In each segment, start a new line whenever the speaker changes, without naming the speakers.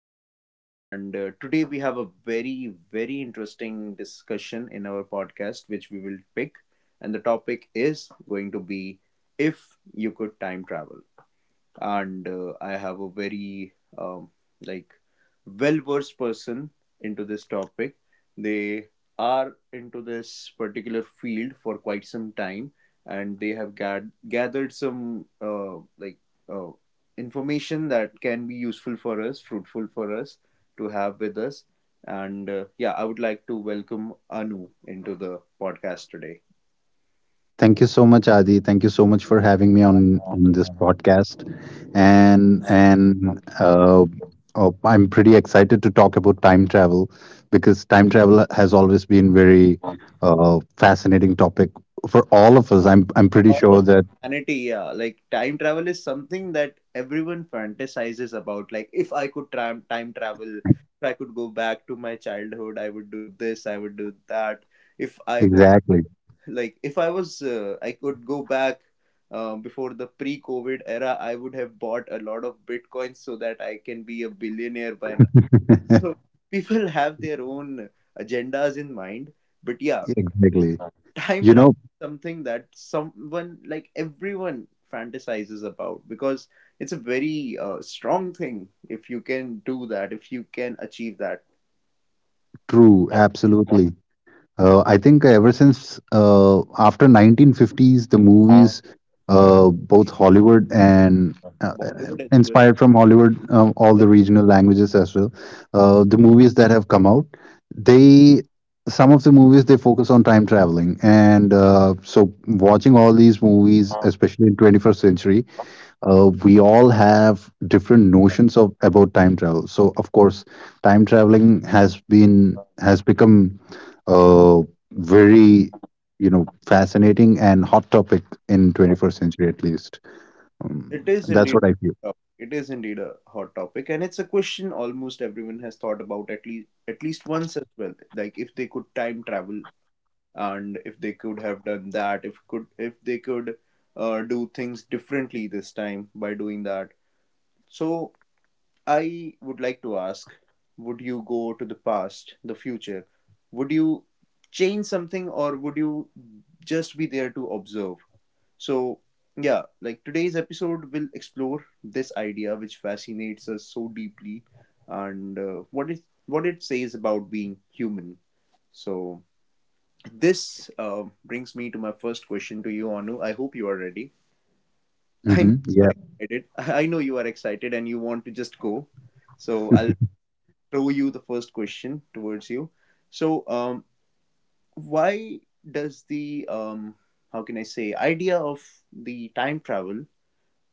Adi. And today we have a very interesting discussion in our podcast, which we will pick. And the topic is going to be if you could time travel and I have a very like well versed person into this topic. They are into this particular field for quite some time, and they have gathered some like uh, information that can be useful for us, fruitful for us to have with us. And yeah, I would like to welcome Anu into the podcast today.
Thank you so much, Adi. Thank you so much for having me on this podcast, and I'm pretty excited to talk about time travel because time travel has always been very fascinating topic for all of us. I'm pretty
All of
sure that
humanity, yeah, like time travel is something that everyone fantasizes about, like if I could time travel, if I could go back to my childhood, I would do this, I would do that. If I was
exactly
Like if I was, I could go back before the pre covid era, I would have bought a lot of bitcoins so that I can be a billionaire by now. So people have their own agendas in mind, but yeah,
exactly.
time
You
travel
know,
is something that someone like everyone fantasizes about because it's a very strong thing, if you can do that, if you can achieve that.
true, absolutely. I think ever since after 1950s, the movies, both Hollywood and uh,
Bollywood as well,
inspired from Hollywood, all
yeah.
the regional languages as well, the movies that have come out, they some of the movies they focus on time traveling, and so watching all these movies, especially in 21st century, we all have different notions of about time travel. So of course, time traveling has been has become uh, very fascinating and hot topic in 21st century at least.
it is indeed
That's what I
a
feel.
it is indeed a hot topic, and it's a question almost everyone has thought about at least once as well, like if they could time travel, and if they could have done that, if they could do things differently this time by doing that. So, I would like to ask, would you go to the past, the future? Would you change something, or would you just be there to observe? So, yeah, like today's episode will explore this idea which fascinates us so deeply, and what it says about being human. So, this brings me to my first question to you, Anu. I hope you are ready.
Hmm. Yeah.
I know you are excited. I know you are excited and you want to just go. So I'll throw you the first question towards you. So, why does the how can I say idea of the time travel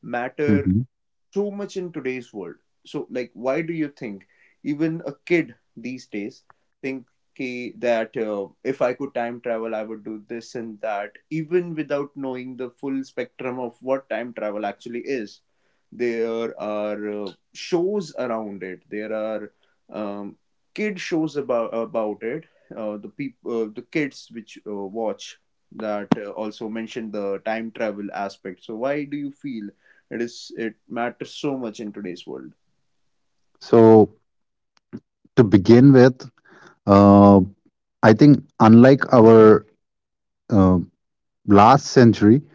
matter
Mhm.
so much in today's world? So, like, why do you think even a kid these days think ki, that if I could time travel, I would do this and that, even without knowing the full spectrum of what time travel actually is? There are shows around it. There are um, kid shows about it. The people, the kids which watch that also mention the time travel aspect. So, why do you feel? It is, it matters so much in today's world.
So to begin with, uh, I think unlike our uh, last century,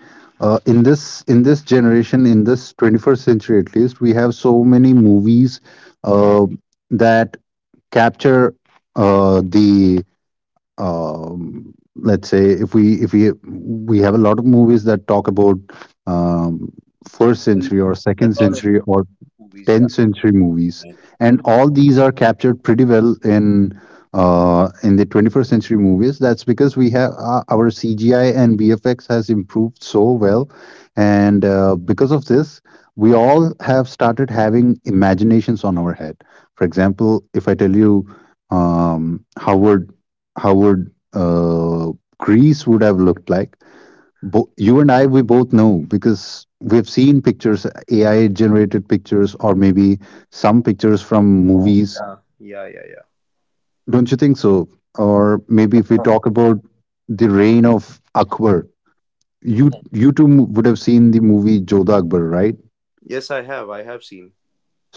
in this generation, in this 21st century at least, we have so many movies uh, that capture the let's say if we have a lot of movies that talk about um, first
A,
century
a
or second
lot of
century or
movies, yeah.
10th century movies, and all these are captured pretty well in the 21st century movies. That's because we have our CGI and VFX has improved so well, and because of this, we all have started having imaginations on our head. For example, if I tell you, how would Greece would have looked like? You and I, we both know because we've seen pictures, AI generated pictures, or maybe some pictures from
Oh,
movies.
yeah. Yeah, yeah, yeah.
Don't you think so? Or maybe if we
Oh.
talk about the reign of Akbar, you would have seen the movie Jodha Akbar, right?
Yes, I have. I have seen.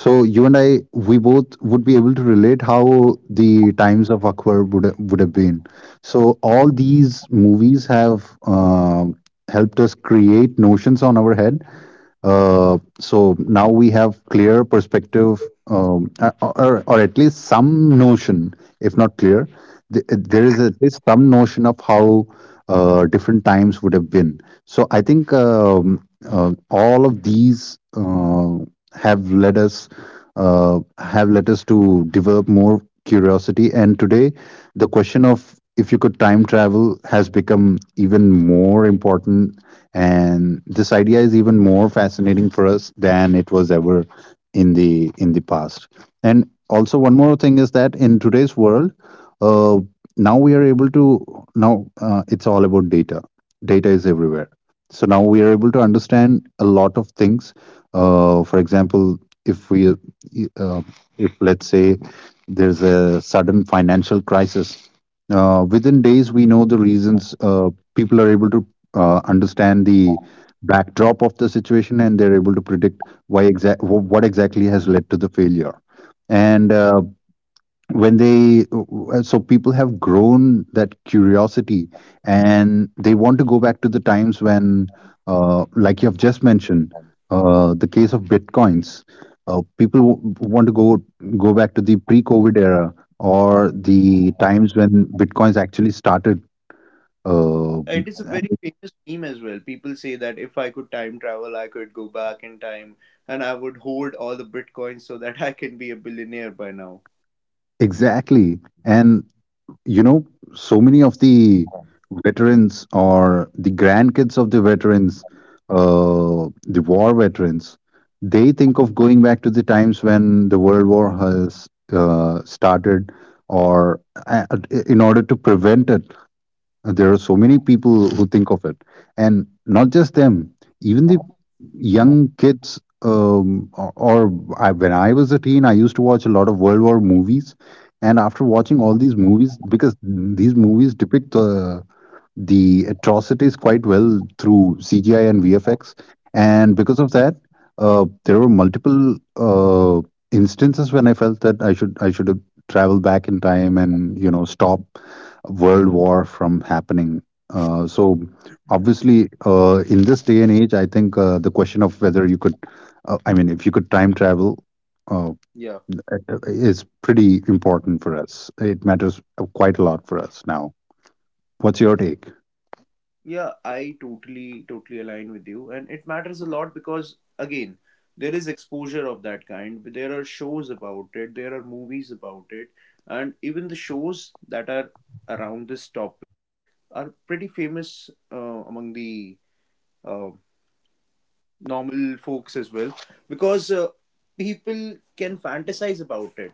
So you and I, we both would be able to relate how the times of Akbar would have been. So all these movies have helped us create notions on our head. So now we have clear perspective, or at least some notion, if not clear, there is at least some notion of how different times would have been. So I think all of these have led us have led us to develop more curiosity. And today, the question of if you could time travel has become even more important. And this idea is even more fascinating for us than it was ever in the past. And also, one more thing is that in today's world, uh, now we are able to now it's all about data. Data is everywhere, so now we are able to understand a lot of things. For example, if we uh, if let's say there's a sudden financial crisis, within days we know the reasons. People are able to understand the backdrop of the situation, and they're able to predict why exact what exactly has led to the failure.
Yeah.
And when they so people have grown that curiosity, and they want to go back to the times when, like you have just mentioned, the case of bitcoins, people want to go back to the pre-covid era or the times when bitcoins actually started. uh,
It is a very famous meme as well. People say that if I could time travel, I could go back in time and I would hold all the bitcoins so that I can be a billionaire by now.
exactly. And you know, so many of the veterans or the grandkids of the veterans, the war veterans, they think of going back to the times when the World War has started, or uh, in order to prevent it. Uh, there are so many people who think of it, and not just them. Even the young kids, or I, when I was a teen, I used to watch a lot of World War movies, and after watching all these movies, because these movies depict the atrocities quite well through CGI and VFX, and because of that, there were multiple instances when I felt that I should have traveled back in time and, you know, stop World War from happening. So obviously, in this day and age, I think the question of whether you could, I mean, if you could time travel Uh,
Yeah.
is pretty important for us. It matters quite a lot for us now. What's your take?
Yeah, I totally align with you. And it matters a lot because, again, there is exposure of that kind. There are shows about it, there are movies about it. And even the shows that are around this topic are pretty famous among the uh, normal folks as well, because people can fantasize about it.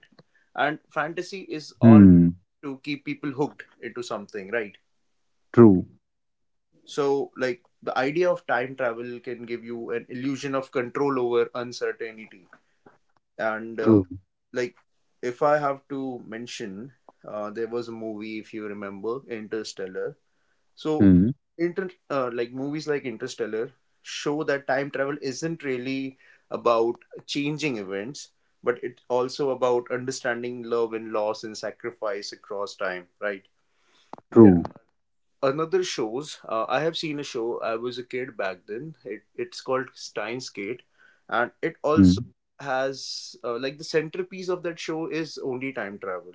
And fantasy is all
Hmm.
to keep people hooked into something, right?
True.
So, like, the idea of time travel can give you an illusion of control over uncertainty. And,
True.
like, if I have to mention, there was a movie, if you remember, Interstellar. So,
Hmm.
inter like movies like Interstellar show that time travel isn't really about changing events, but it's also about understanding love and loss and sacrifice across time, right? There
True.
Another shows, I have seen a show, I was a kid back then, it's called Steins Gate, and it also
Hmm.
has like the centerpiece of that show is only time travel.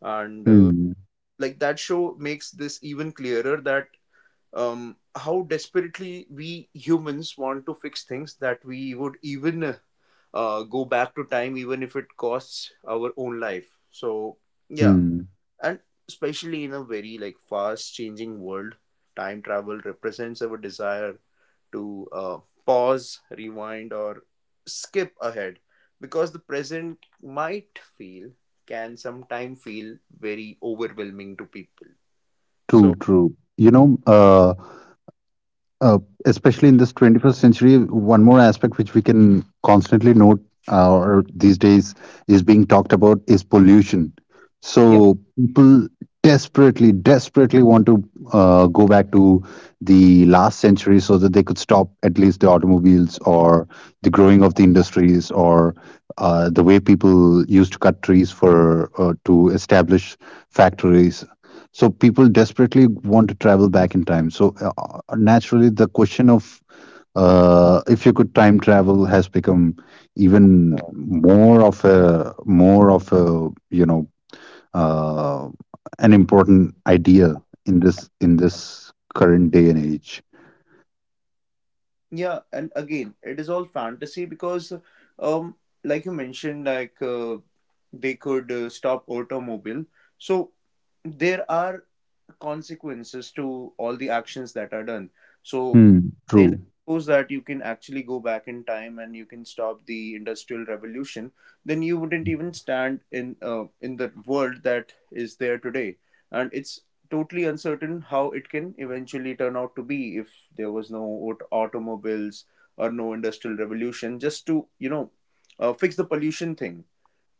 And
Hmm.
like that show makes this even clearer that how desperately we humans want to fix things, that we would even go back to time even if it costs our own life. So yeah.
Hmm.
And especially in a very like fast changing world, time travel represents our desire to pause, rewind, or skip ahead because the present might feel, can sometimes feel very overwhelming to people. So
True. True. You know, uh, especially in this 21st century, one more aspect which we can constantly note, or these days is being talked about, is pollution. So people desperately, desperately want to go back to the last century so that they could stop at least the automobiles, or the growing of the industries, or the way people used to cut trees for to establish factories. So people desperately want to travel back in time. So naturally, the question of if you could time travel has become even more of a uh, an important idea in this current day and age.
yeah, and again, it is all fantasy because, um, like you mentioned, like they could stop automobile. So there are consequences to all the actions that are done. So
Hmm.
they
True.
suppose that you can actually go back in time and you can stop the industrial revolution, then you wouldn't even stand in the world that is there today. And it's totally uncertain how it can eventually turn out to be if there was no automobiles or no industrial revolution, just to you know fix the pollution thing.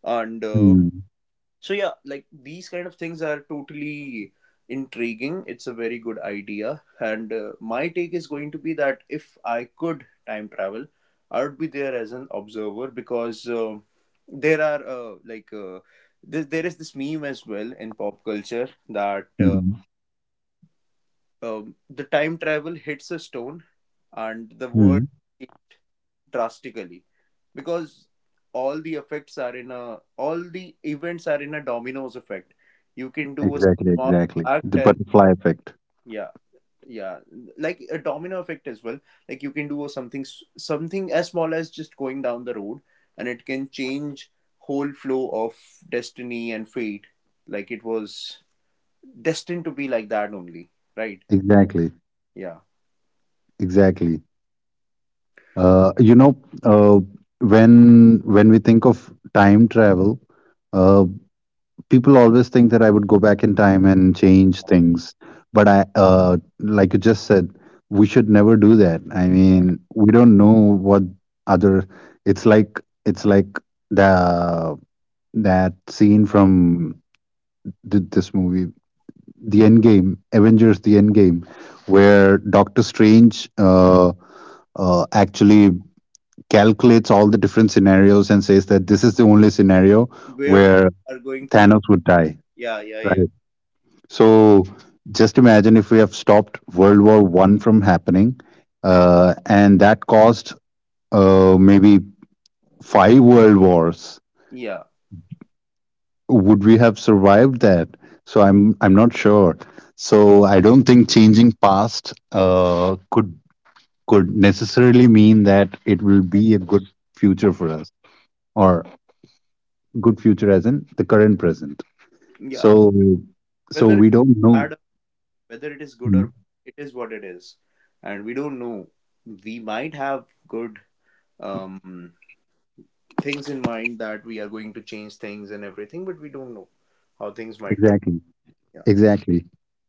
And
Hmm.
so yeah, like these kind of things are totally intriguing. It's a very good idea, and my take is going to be that if I could time travel, I would be there as an observer. Because there are like there is this meme as well in pop culture that
Hmm.
the time travel hits a stone and the world
Hmm.
drastically, because all the events are in a dominoes effect. You can do a
Exactly.
small
Exactly.
act,
The
and
butterfly effect.
yeah, yeah, like a domino effect as well. Like you can do something something as small as just going down the road, and it can change whole flow of destiny and fate, like it was destined to be like that only, right?
Exactly.
Yeah.
Exactly. You know, uh, when we think of time travel, uh, people always think that I would go back in time and change things. But like you just said, we should never do that. I mean, we don't know what other. It's like the that scene from this movie, the End Game, Avengers: The End Game, where Doctor Strange actually calculates all the different scenarios and says that this is the only scenario
Where we
where
are going to,
Thanos would die,
yeah, yeah, yeah.
right? So just imagine if we have stopped World War One from happening, and that caused maybe five world wars.
Yeah,
Would we have survived that? So I'm not sure. So I don't think changing past could necessarily mean that it will be a good future for us, or good future as in the current present.
yeah.
So so
whether
we
it's
don't know.
bad whether it is good or
Mm,
bad, it is what it is, and we don't know. We might have good um, things in mind that we are going to change things and everything, but we don't know how things might turn.
exactly,
Yeah.
exactly.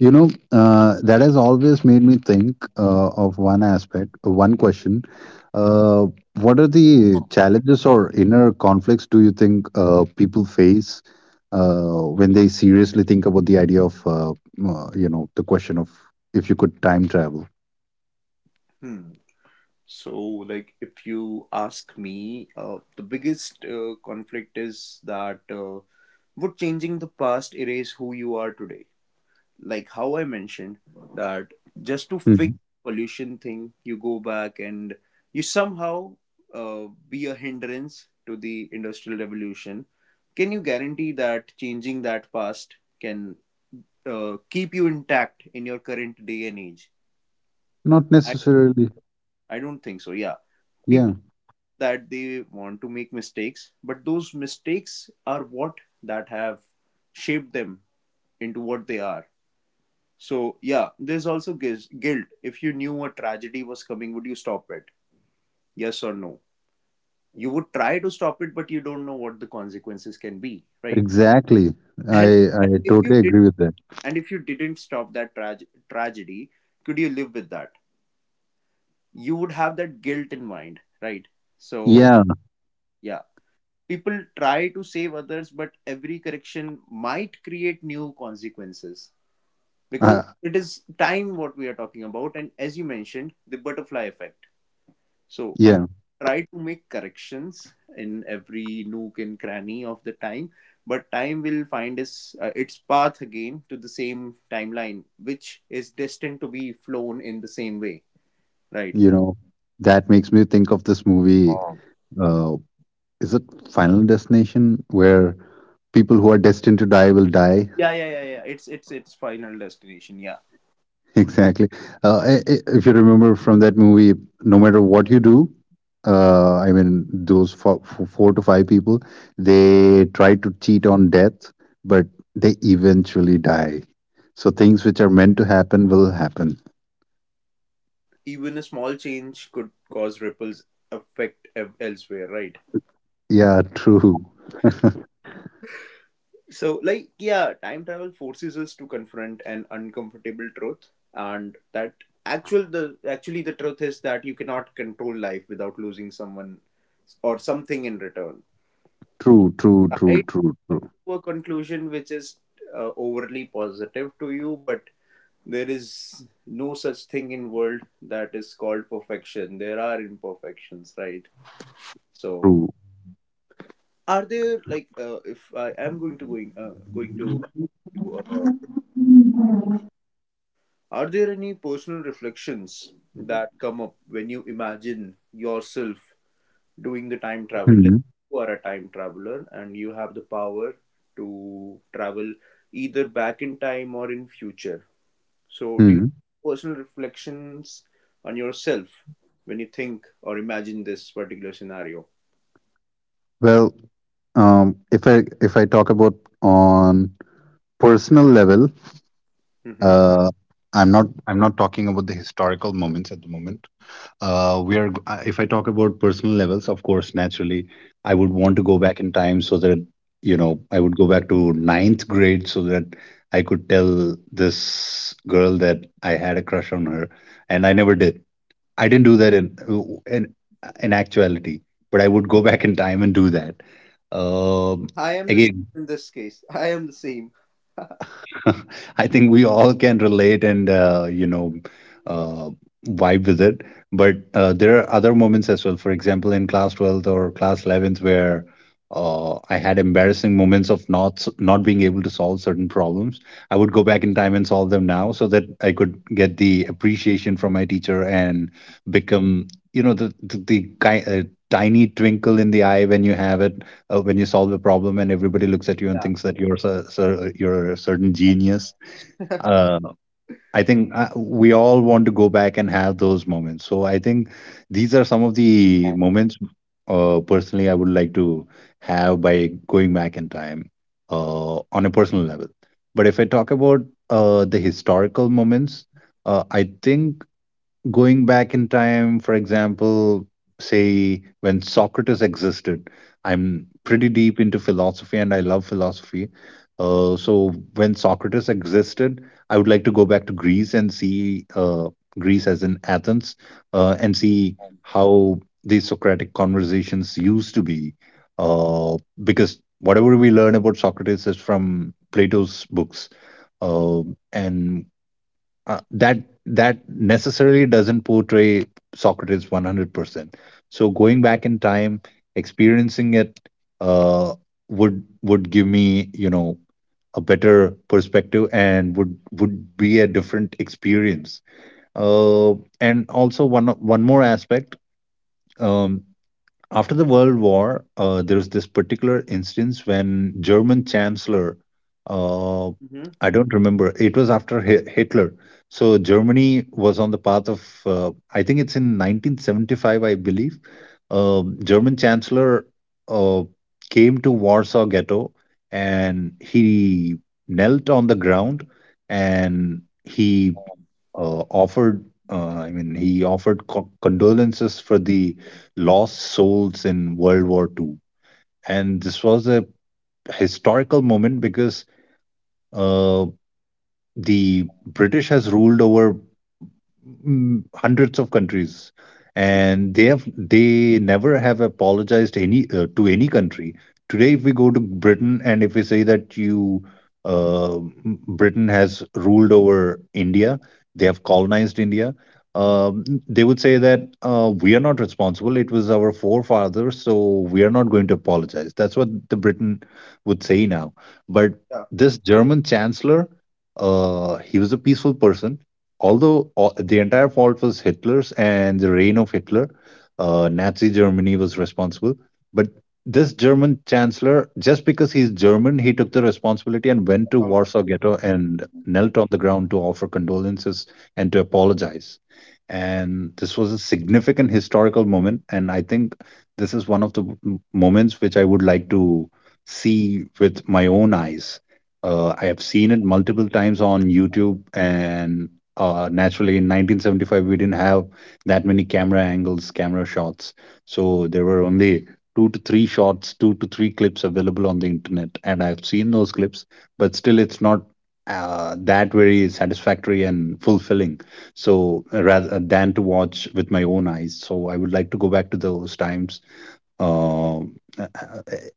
You know, that has always made me think of one question, uh, what are the challenges or inner conflicts do you think people face when they seriously think about the idea of the question of if you could time travel.
Hmm. So, like, if you ask me, the biggest conflict is that would changing the past erase who you are today? Like how I mentioned that just to fix
Mhm.
pollution thing, you go back and you somehow be a hindrance to the industrial revolution. Can you guarantee that changing that past can keep you intact in your current day and age?
Not
I
necessarily.
I don't think so. Yeah,
Yeah,
people that they want to make mistakes, but those mistakes are what that have shaped them into what they are. So, yeah, there's also guilt. If you knew a tragedy was coming, would you stop it? Yes or no? You would try to stop it, but you don't know what the consequences can be, right?
exactly. i
And,
i
and if you
totally
did,
agree with that.
and if you didn't stop that tragedy, could you live with that? You would have that guilt in mind, right? So,
Yeah.
yeah, people try to save others, but every correction might create new consequences, because
uh,
it is time what we are talking about, and as you mentioned, the butterfly effect. So you
yeah.
try to make corrections in every nook and cranny of the time, but time will find its path again to the same timeline, which is destined to be flown in the same way, right?
You know, that makes me think of this movie.
Um,
Uh, is it Final Destination where people who are destined to die will die?
Yeah, yeah, yeah, yeah. It's its final destination. Yeah,
Exactly. If you remember from that movie, no matter what you do, those four to five people, they try to cheat on death, but they eventually die. So things which are meant to happen will happen.
even a small change could cause ripples, affect elsewhere, right?
Yeah, true,
So, like, yeah, time travel forces us to confront an uncomfortable truth, and that actually the truth is that you cannot control life without losing someone or something in return.
true, true,
I
true, true,
come
true,
to a conclusion which is overly positive to you, but there is no such thing in world that is called perfection. There are imperfections, right? So,
true.
are there like if I am going to ask you, are there any personal reflections that come up when you imagine yourself doing the time travel? Let's
Hmm.
say you are a time traveler and you have the power to travel either back in time or in future. So, do you have personal reflections on yourself when you think or imagine this particular scenario?
Well, if I talk about on personal level,
Hmm.
uh, I'm not talking about the historical moments at the moment. If I talk about personal levels, of course, naturally, I would want to go back in time so that, you know, I would go back to ninth grade so that I could tell this girl that I had a crush on her, and I never did. I didn't do that in in actuality, but I would go back in time and do that. Um,
I am the same
Again,
in this case. I am the same.
I think we all can relate and, uh, vibe with it. But there are other moments as well. For example, in class 12th or class 11th, where I had embarrassing moments of not being able to solve certain problems. I would go back in time and solve them now, so that I could get the appreciation from my teacher and become, you know, the tiny twinkle in the eye when you have it, when you solve a problem and everybody looks at you and
Yeah.
thinks that you're a certain genius. Uh, I think we all want to go back and have those moments. So I think these are some of the moments personally I would like to have by going back in time on a personal level. But if I talk about the historical moments, I think going back in time, for example, say when Socrates existed, I'm
Hmm.
pretty deep into philosophy and I love philosophy. So when Socrates existed, I would like to go back to Greece and see, Greece as in Athens, and see how these Socratic conversations used to be. Uh, because whatever we learn about Socrates is from Plato's books. Uh, and That that necessarily doesn't portray Socrates 100%. So going back in time, experiencing it, uh, would give me, you know, a better perspective and would be a different experience. And also one more aspect. Um, After the World War, there was this particular instance when German Chancellor, uh,
Hmm.
I don't remember, it was after Hitler. So Germany was on the path of, I think it's in 1975, I believe. German Chancellor, uh, came to Warsaw Ghetto and he knelt on the ground and he offered, he offered condolences for the lost souls in World War II, and this was a historical moment because, uh, the British has ruled over, hundreds of countries, and they never have apologized any to any country. Today if we go to Britain and if we say that you, Britain has ruled over India, they have colonized India, they would say that, we are not responsible, it was our forefathers, so we are not going to apologize. That's what the Britain would say now. But
Yeah.
this German chancellor, he was a peaceful person, although all, the entire fault was Hitler's and the reign of Hitler, Nazi Germany was responsible. But this German chancellor, just because he's German, he took the responsibility and went to Warsaw
Accountability.
Ghetto and knelt on the ground to offer condolences and to apologize. And this was a significant historical moment. And I think this is one of the moments which I would like to see with my own eyes. I have seen it multiple times on YouTube, and naturally in 1975 we didn't have that many camera angles, camera shots, so there were only two to three shots, two to three clips available on the internet, and I've seen those clips. But still it's not, that very satisfactory and fulfilling. So rather than to watch with my own eyes, so I would like to go back to those times, um,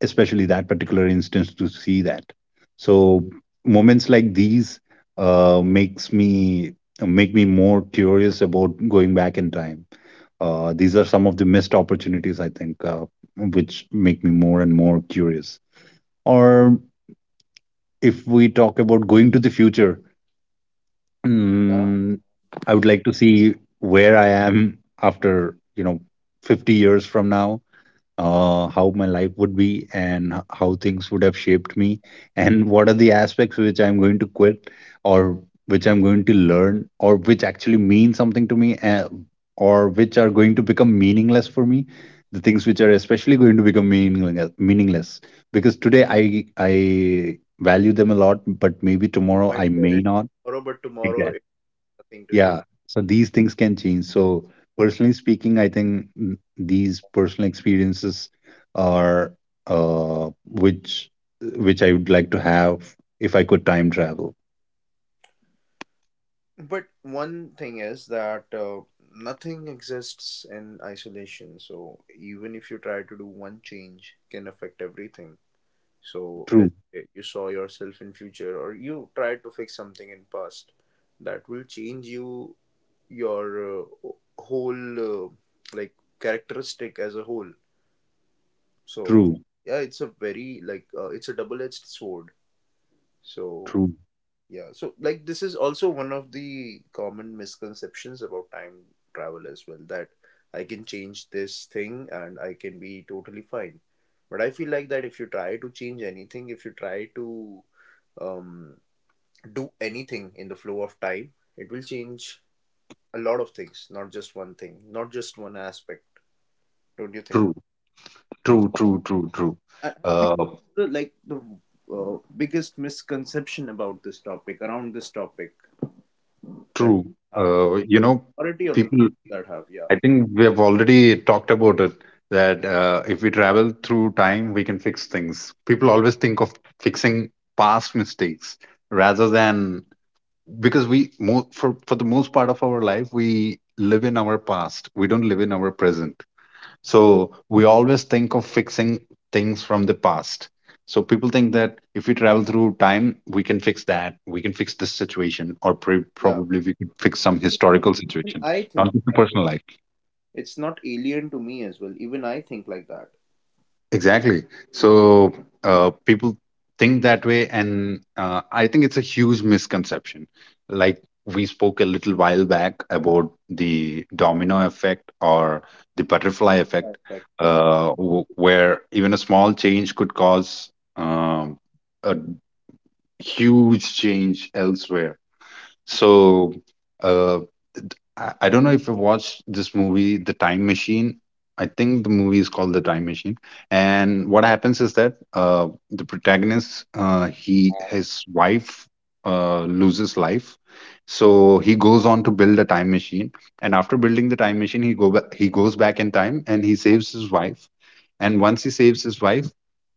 especially that particular instance to see that. So moments like these, uh, makes me make me more curious about going back in time. These are some of the missed opportunities, I think, which make me more and more curious. Or if we talk about going to the future,
Yeah.
mm, I would like to see where I am after, you know, 50 years from now. How my life would be, and how things would have shaped me, and what are the aspects which I'm going to quit, or which I'm going to learn, or which actually mean something to me, or which are going to become meaningless for me. The things which are especially going to become meaningless, meaningless, because today I value them a lot, but maybe
You
tomorrow
might
I
cherish
may
it
not.
tomorrow, but tomorrow it's nothing to you.
Yeah, so these things can change. So, personally speaking, I think, these personal experiences are, uh, which which I would like to have if I could time travel.
But one thing is that nothing exists in isolation. So even if you try to do one change, can affect everything. So
True,
let's say you saw yourself in future, or you tried to fix something in past, that will change you your whole like characteristic as a whole. So
true,
yeah, it's a very like it's a double edged sword. So
true,
yeah, so like this is also one of the common misconceptions about time travel as well that I can change this thing and I can be totally fine. But I feel like that if you try to change anything, if you try to um, do anything in the flow of time, it will change a lot of things, not just one thing, not just one aspect. Don't you think?
true, true, true, true, true.
I think
Uh,
this is the like the biggest misconception about this topic around this topic that
true.
we have.
You know,
Majority of the people
people,
that have yeah,
I think we have already talked about it, that if we travel through time, we can fix things. People always think of fixing past mistakes rather than, because we for the most part of our life we live in our past, we don't live in our present. So we always think of fixing things from the past. So people think that if we travel through time we can fix this situation, or
yeah.
probably we could fix some
Even,
historical
even
situation,
I
not
think
just the
that.
personal life.
It's not alien to me as well, even I think like that.
Exactly. So, people think that way, and I think it's a huge misconception. Like we spoke a little while back about the domino effect or the butterfly
But in
effect,
fact, yeah.
where even a small change could cause, um, a huge change elsewhere.
Hmm.
So. uh, I don't know if you watched this movie, The Time Machine. I think the movie is called The Time Machine. And what happens is that, the protagonist, he his wife, loses life, so he goes on to build a time machine. And after building the time machine, he goes back in time and he saves his wife. And once he saves his wife,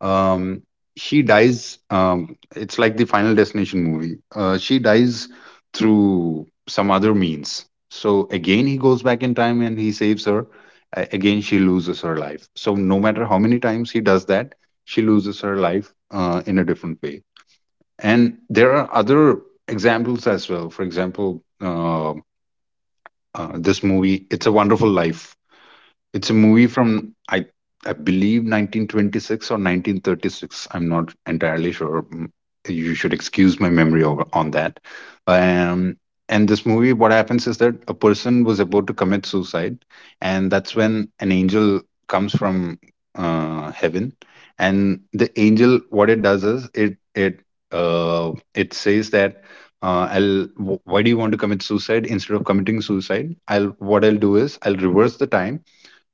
um she dies, it's like the Final Destination movie, she dies through some other means. So again he goes back in time and he saves her. Again she loses her life. So no matter how many times he does that, she loses her life, in a different way. And there are other examples as well. For example, uh, this movie, It's a Wonderful Life, it's a
Okay,
movie from I believe 1926 or 1936. I'm not entirely sure. You should excuse my memory over, on that. Um, and this movie, what happens is that a person was about to commit suicide, and that's when an angel comes from, heaven. And the angel, what it does is it says that, why do you want to commit suicide? Instead of committing suicide, I'll what I'll do is I'll reverse the time,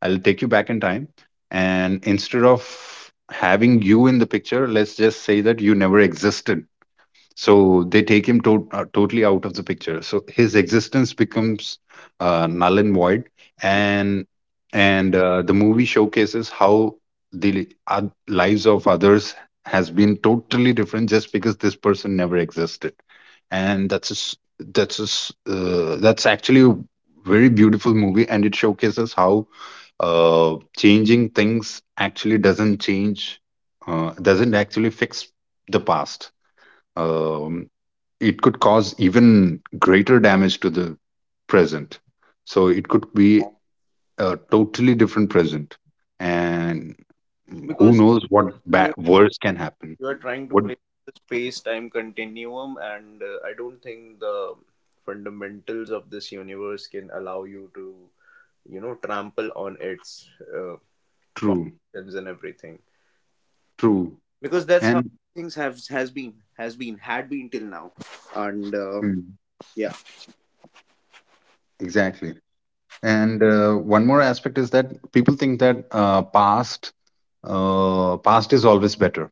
I'll take you back in time. And instead of having you in the picture, let's just say that you never existed. So they take him totally out of the picture, so his existence becomes, null and void. And the movie showcases how the lives of others has been totally different just because this person never existed. And that's actually a very beautiful movie, and it showcases how, changing things actually doesn't change doesn't actually fix the past. um, it could cause even greater damage to the present. So it could be a totally different present, and who
because
knows what
you
bad, worse, can happen.
you are trying to
What
play the space time continuum and I don't think the fundamentals of this universe can allow you to, you know, trample on its uh,
true,
functions and everything
true,
because that's how
and
things have has been had been till now and
mm,
yeah.
exactly. And one more aspect is that people think that, past is always better.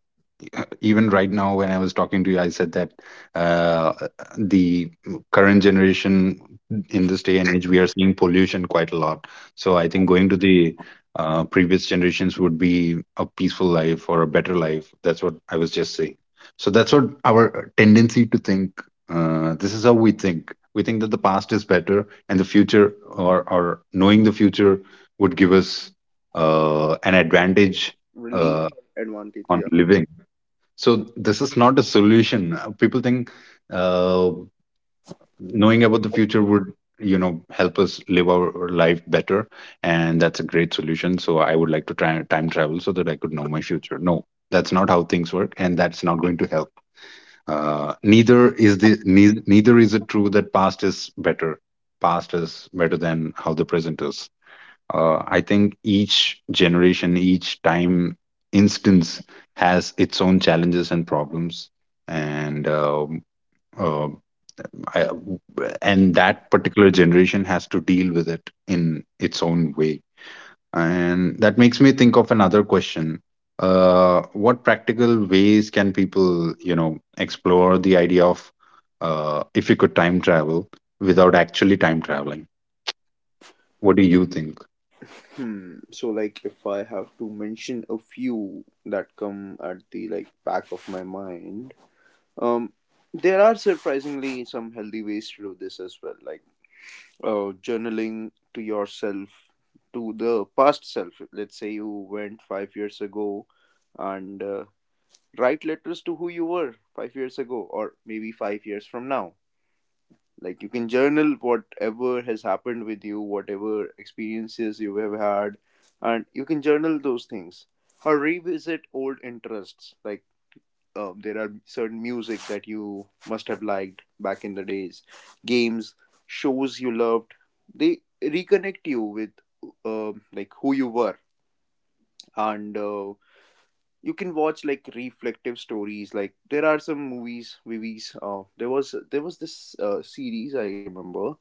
Even right now when I was talking to you I said that, uh, the current generation, in this day and age we are seeing pollution quite a lot, so I think going to the, previous generations would be a peaceful life or a better life. That's what I was just saying. So that's what our tendency to think. This is how we think. We think that the past is better, and the future, or knowing the future, would give us, an advantage,
Really
uh,
advantage,
on
yeah.
living. So this is not a solution. People think, uh, knowing about the future would, you know, help us live our life better, and that's a great solution. So I would like to try time travel so that I could know my future. No, that's not how things work, and that's not going to help. Neither is it true that past is better. Past is better than how the present is, I think each generation, each time instance has its own challenges and problems, and uh, I, and that particular generation has to deal with it in its own way. And that makes me think of another question: what practical ways can people, you know, explore the idea of, if you could time travel without actually time traveling? What do you think?
Hmm, so like if I have to mention a few that come at the like back of my mind. Um, there are surprisingly some healthy ways to do this as well, like journaling to yourself, to the past self. Let's say you went 5 years ago and write letters to who you were 5 years ago, or maybe 5 years from now. Like you can journal whatever has happened with you, whatever experiences you have had, and you can journal those things or revisit old interests. Like there are certain music that you must have liked back in the days, games, shows you loved, they reconnect you with like who you were. And you can watch like reflective stories. Like there are some movies, there was this series I remember,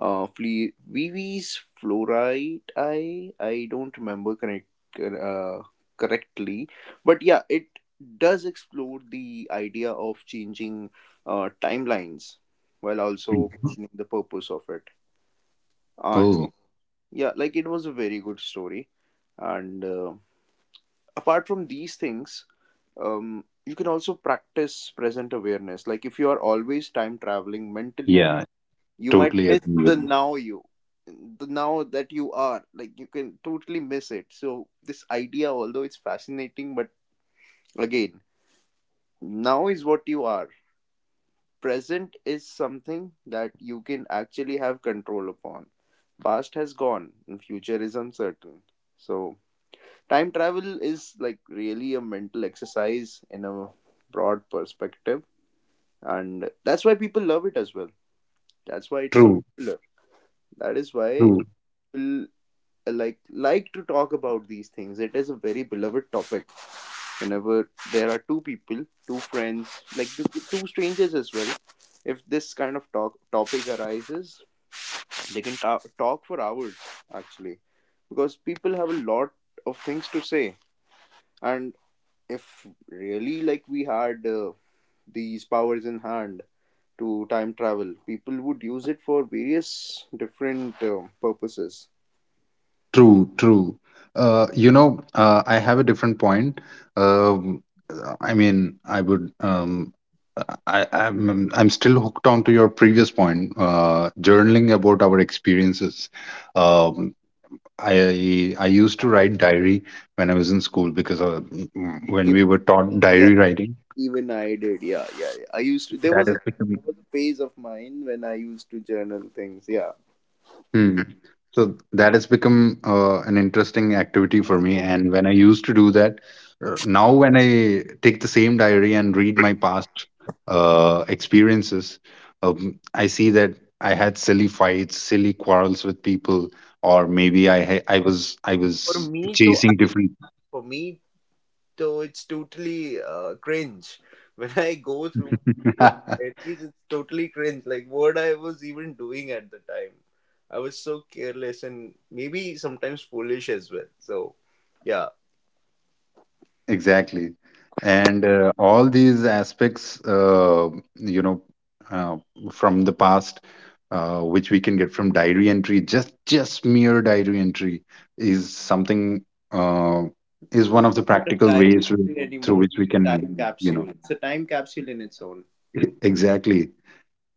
Fle- vv's fluorite. I don't remember uh, correctly, but yeah, it does explore the idea of changing timelines while also
Mhm.
questioning the purpose of it. And
Oh,
yeah, like it was a very good story. And apart from these things, you can also practice present awareness. Like if you are always time traveling mentally,
yeah.
you might
Totally
miss
agree
the
with you.
now you, the now that you are. Like you can totally miss it. So this idea, although it's fascinating, but again, now is what you are. Present is something that you can actually have control upon. Past has gone, and future is uncertain. So time travel is like really a mental exercise in a broad perspective, and that's why people love it as well, that's why it's so
True,
popular, that is why
true,
people like to talk about these things. It is a very beloved topic. Whenever there are two people, two friends, like two strangers as well, if this kind of talk topic arises, they can talk for hours actually, because people have a lot of things to say. And if really like we had these powers in hand to time travel, people would use it for various different purposes.
true, true. You know, I have a different point. Um, uh, I mean, I would. Um, I'm still hooked on to your previous point. Journaling about our experiences. Um, I used to write diary when I was in school because, when
Even,
we were taught
yeah,
diary writing,
even I did. Yeah, yeah, yeah. I used to. There
that
was
has become,
a phase of mine when I used to journal things. Yeah.
Hmm. So that has become, an interesting activity for me. And when I used to do that, now when I take the same diary and read my past, experiences, I see that I had silly fights, silly quarrels with people, or maybe I ha- I was I
For
was
me, though,
chasing different.
for me, though, it's totally cringe when I go through my old diaries. It's totally cringe. Like what I was even doing at the time. I was so careless and maybe sometimes foolish as well. So, yeah.
Exactly. And all these aspects, you know, uh, from the past, which we can get from diary entry, just mere diary entry is something, uh, is one
It's
of the
not a
practical
time
ways
machine
through
anymore.
which we
It's a
can,
time
you know,
capsule. It's a time capsule in its own.
exactly.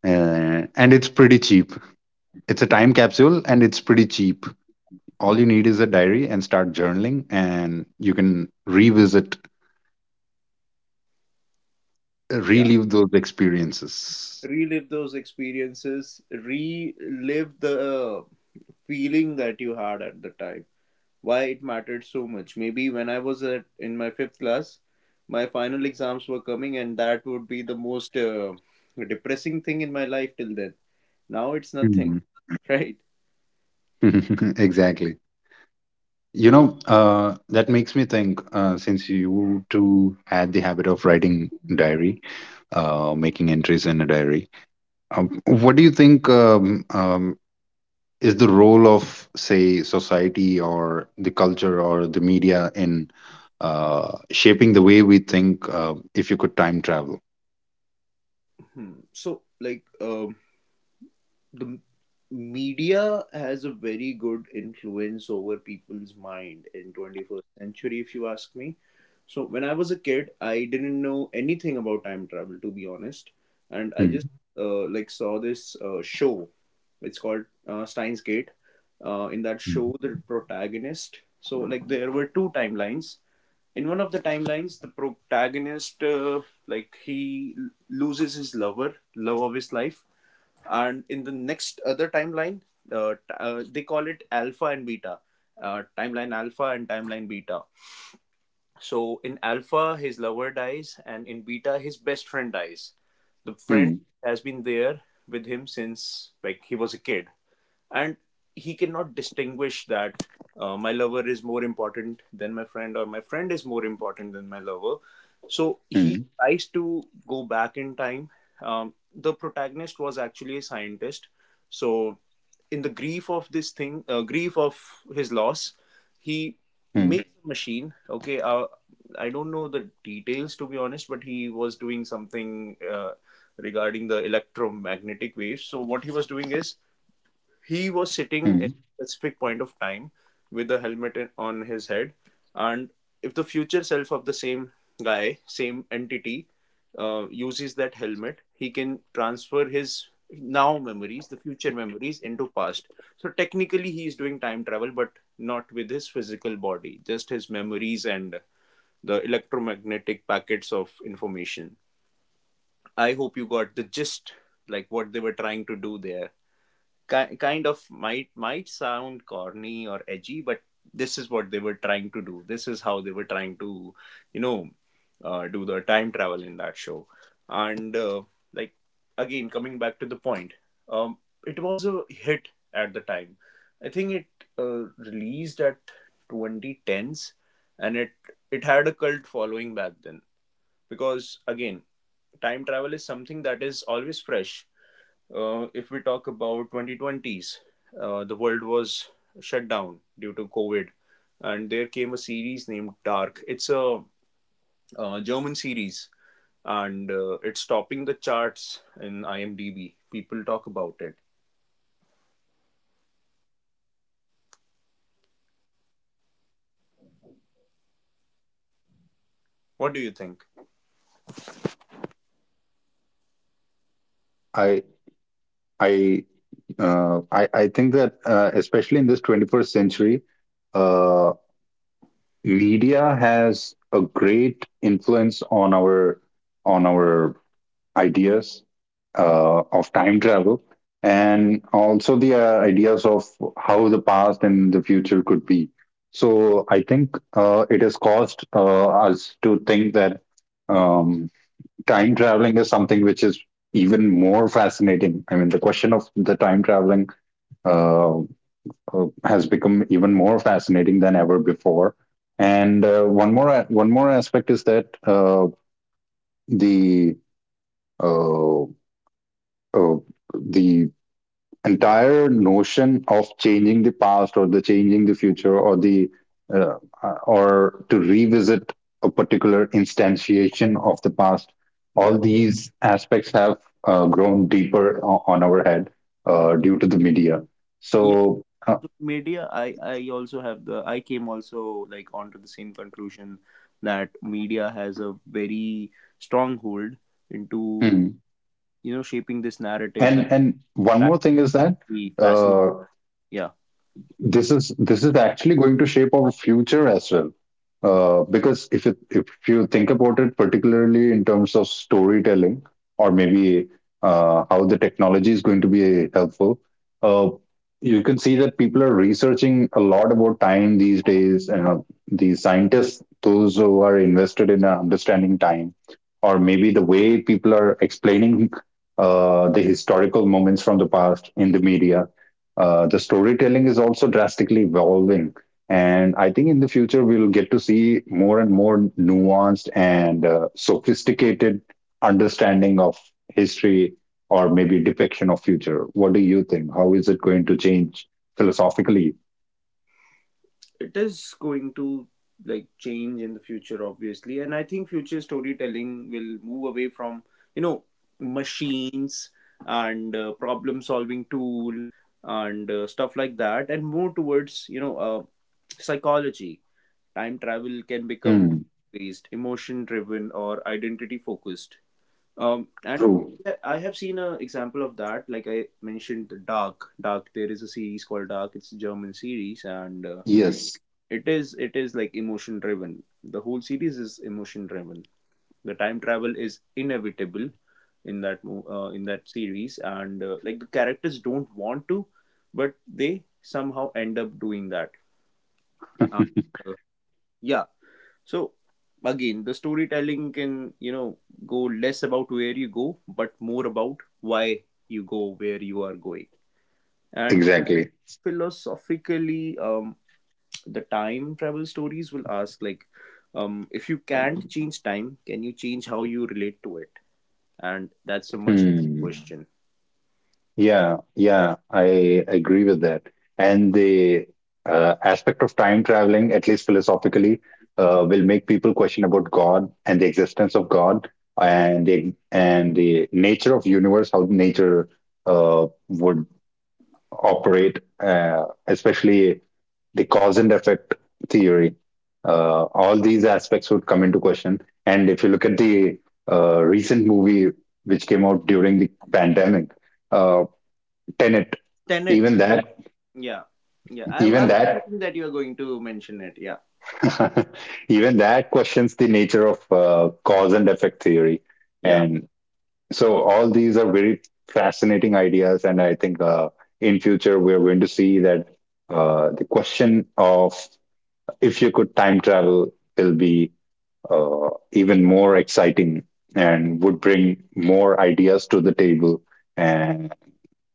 And it's pretty cheap. It's a time capsule, and it's pretty cheap. All you need is a diary and start journaling, and you can revisit,
Yeah.
relive those experiences.
Relive those experiences, relive the feeling that you had at the time. Why it mattered so much. Maybe when I was at, in my fifth class, my final exams were coming, and that would be the most depressing thing in my life till then. Now it's nothing,
Mhm.
right?
Exactly. You know, that makes me think, since you two had the habit of writing diary, making entries in a diary, what do you think is the role of, say, society or the culture or the media in, shaping the way we think, if you could time travel?
Hmm. So, like, the media has a very good influence over people's mind in 21st century if you ask me. So when I was a kid I didn't know anything about time travel to be honest, and I
Mm,
just like saw this show. It's called Steins Gate. In that
mm,
show the protagonist, so like there were two timelines. In one of the timelines the protagonist like loses his lover, love of his life. And in the next other timeline, they call it alpha and beta, timeline alpha and timeline beta. So in alpha his lover dies and in beta his best friend dies. The
mm,
friend has been there with him since like he was a kid, and he cannot distinguish that my lover is more important than my friend or my friend is more important than my lover. So
mm,
he tries to go back in time. The protagonist was actually a scientist. So in the grief of this thing, grief of his loss, he
mm,
makes a machine. Okay, I don't know the details to be honest, but he was doing something regarding the electromagnetic waves. So what he was doing is he was
mm.
sitting at a specific point of time with the helmet on his head, and if the future self of the same guy, same entity, uses that helmet, he can transfer his now memories, the future memories, into past. So technically he is doing time travel, but not with his physical body, just his memories and the electromagnetic packets of information. I hope you got the gist, like what they were trying to do there. Kind of might sound corny or edgy, but this is what they were trying to do, this is how they were trying to, you know, do the time travel in that show. And like again coming back to the point, um, it was a hit at the time. I think it released at 2010s, and it had a cult following back then, because again, time travel is something that is always fresh. If we talk about 2020s, the world was shut down due to COVID, and there came a series named Dark. It's a German series, and it's topping the charts in IMDb. People talk about it. What do you think?
I I I think that, especially in this 21st century, uh, media has a great influence on our ideas of time travel, and also the ideas of how the past and the future could be. So I think it has caused us to think that um, time traveling is something which is even more fascinating. I mean, the question of the time traveling Uh, has become even more fascinating than ever before. And one more one more aspect is that the uh, uh, the entire notion of changing the past, or the changing the future, or the uh, or to revisit a particular instantiation of the past, all
Yeah.
these aspects have grown deeper on our head due
Mm.
to the media. So
Yeah. So media, I also have the, I came also like onto the same conclusion that media has a very strong hold
mm.
into, you know, shaping this
And
narrative that
one more thing is that
actually
uh,
fascinates. Yeah.
this is actually going to shape our future as well, because if you think about it, particularly in terms of storytelling, or maybe how the technology is going to be helpful. uh, you can see that people are researching a lot about time these days, and the scientists, those who are invested in understanding time, or maybe the way people are explaining the historical moments from the past in the media, the storytelling is also drastically evolving. And I think in the future we'll get to see more and more nuanced and sophisticated understanding of history, or maybe depiction of future. What do you think? How is it going to change philosophically?
It is going to like change in the future obviously, and I think future storytelling will move away from, you know, machines and problem solving tool and stuff like that, and more towards, you know, psychology. Time travel can
Hmm.
become based emotion driven or identity focused. And
True.
yeah, I have seen an example of that. Like I mentioned the dark, there is a series called Dark, it's a German series, and
Yes.
it is, it is like emotion driven, the whole series is emotion driven. The time travel is inevitable in that, in that series, and like the characters don't want to, but they somehow end up doing that. And, uh, yeah. So again the storytelling can, you know, go less about where you go but more about why you go where you are going. And
Exactly.
philosophically, the time travel stories will ask like, if you can't change time, can you change how you relate to it? And that's a much
Hmm.
question.
Yeah, yeah, I agree with that. And the aspect of time traveling, at least philosophically, will make people question about God and the existence of God, and the nature of universe, how nature would operate, especially the cause and effect theory. All these aspects would come into question. And if you look at the recent movie which came out during the pandemic, uh, Tenet. Even
Tenet,
that,
okay. Yeah, yeah.
even
I
that,
was thinking that you're going to mention it, yeah.
even that questions the nature of cause and effect theory. And
Yeah,
so all these are very fascinating ideas. And I think in future we're going to see that the question of if you could time travel will be even more exciting, and would bring more ideas to the table, and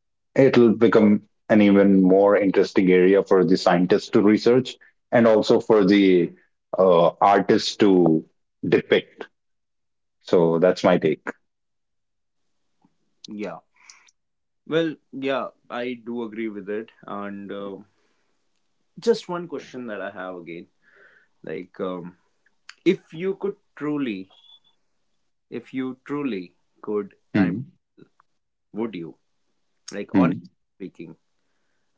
it'll become an even more interesting area for the scientists to research, and also for the artists to depict. So that's my take.
yeah. Well, yeah, I do agree with it. And just one question that I have again, like, if you could truly, if you truly could
Mm-hmm.
time, would you, like
Mm-hmm.
honestly speaking,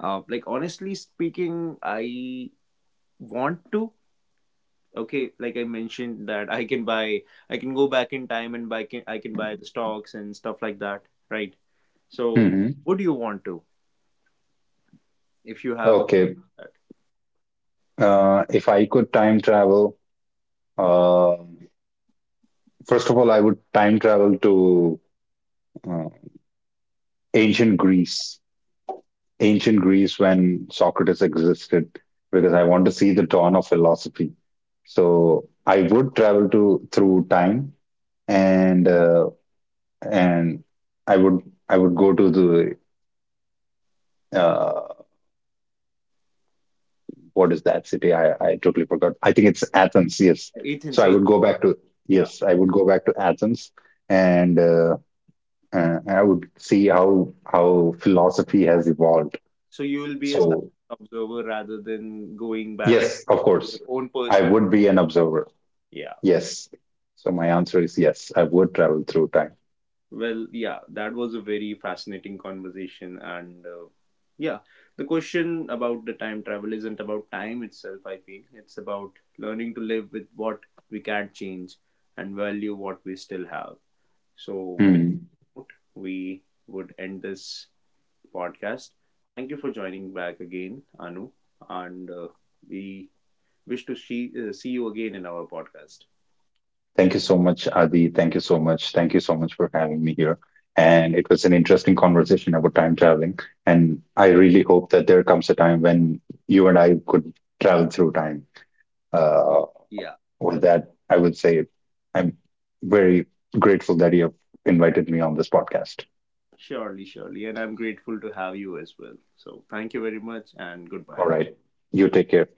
like honestly speaking, I want to, okay, like I mentioned that I can buy, I can go back in time and buy, I can buy the stocks and stuff like that, right?
Mm-hmm.
So would you want to, if you have
Okay.
a,
If I could time travel, uh, first of all, I would time travel to uh, ancient Greece, ancient Greece when Socrates existed, because I want to see the dawn of philosophy. So I would travel to through time and uh, and I would, I would go to the what is that city? I totally forgot. I think it's Athens. Yes. So I would
Ethan
go
say,
back to yes, I
yeah.
would go back to Athens, and I would see how philosophy has evolved.
So you will be
So
a silent observer rather than going
yes,
back
of course,
into your
I
own
would
personal,
be an observer.
yeah.
Yes. So my answer is yes. I would travel through time.
Well, yeah, that was a very fascinating conversation. And yeah, the question about the time travel isn't about time itself, I feel. It's about learning to live with what we can't change and value what we still have.
Hmm.
So, with that, we would end this podcast. Thank you for joining back again, Anu. And we wish to see, see you again in our podcast.
Thank you so much, Adi. Thank you so much. Thank you so much for having me here. And it was an interesting conversation about time traveling. And I really hope that there comes a time when you and I could travel through time. Uh,
Yeah.
with that, I would say I'm very grateful that you have invited me on this podcast.
Surely, surely. And I'm grateful to have you as well. So thank you very much and
All right.
goodbye.
You take care. Good night.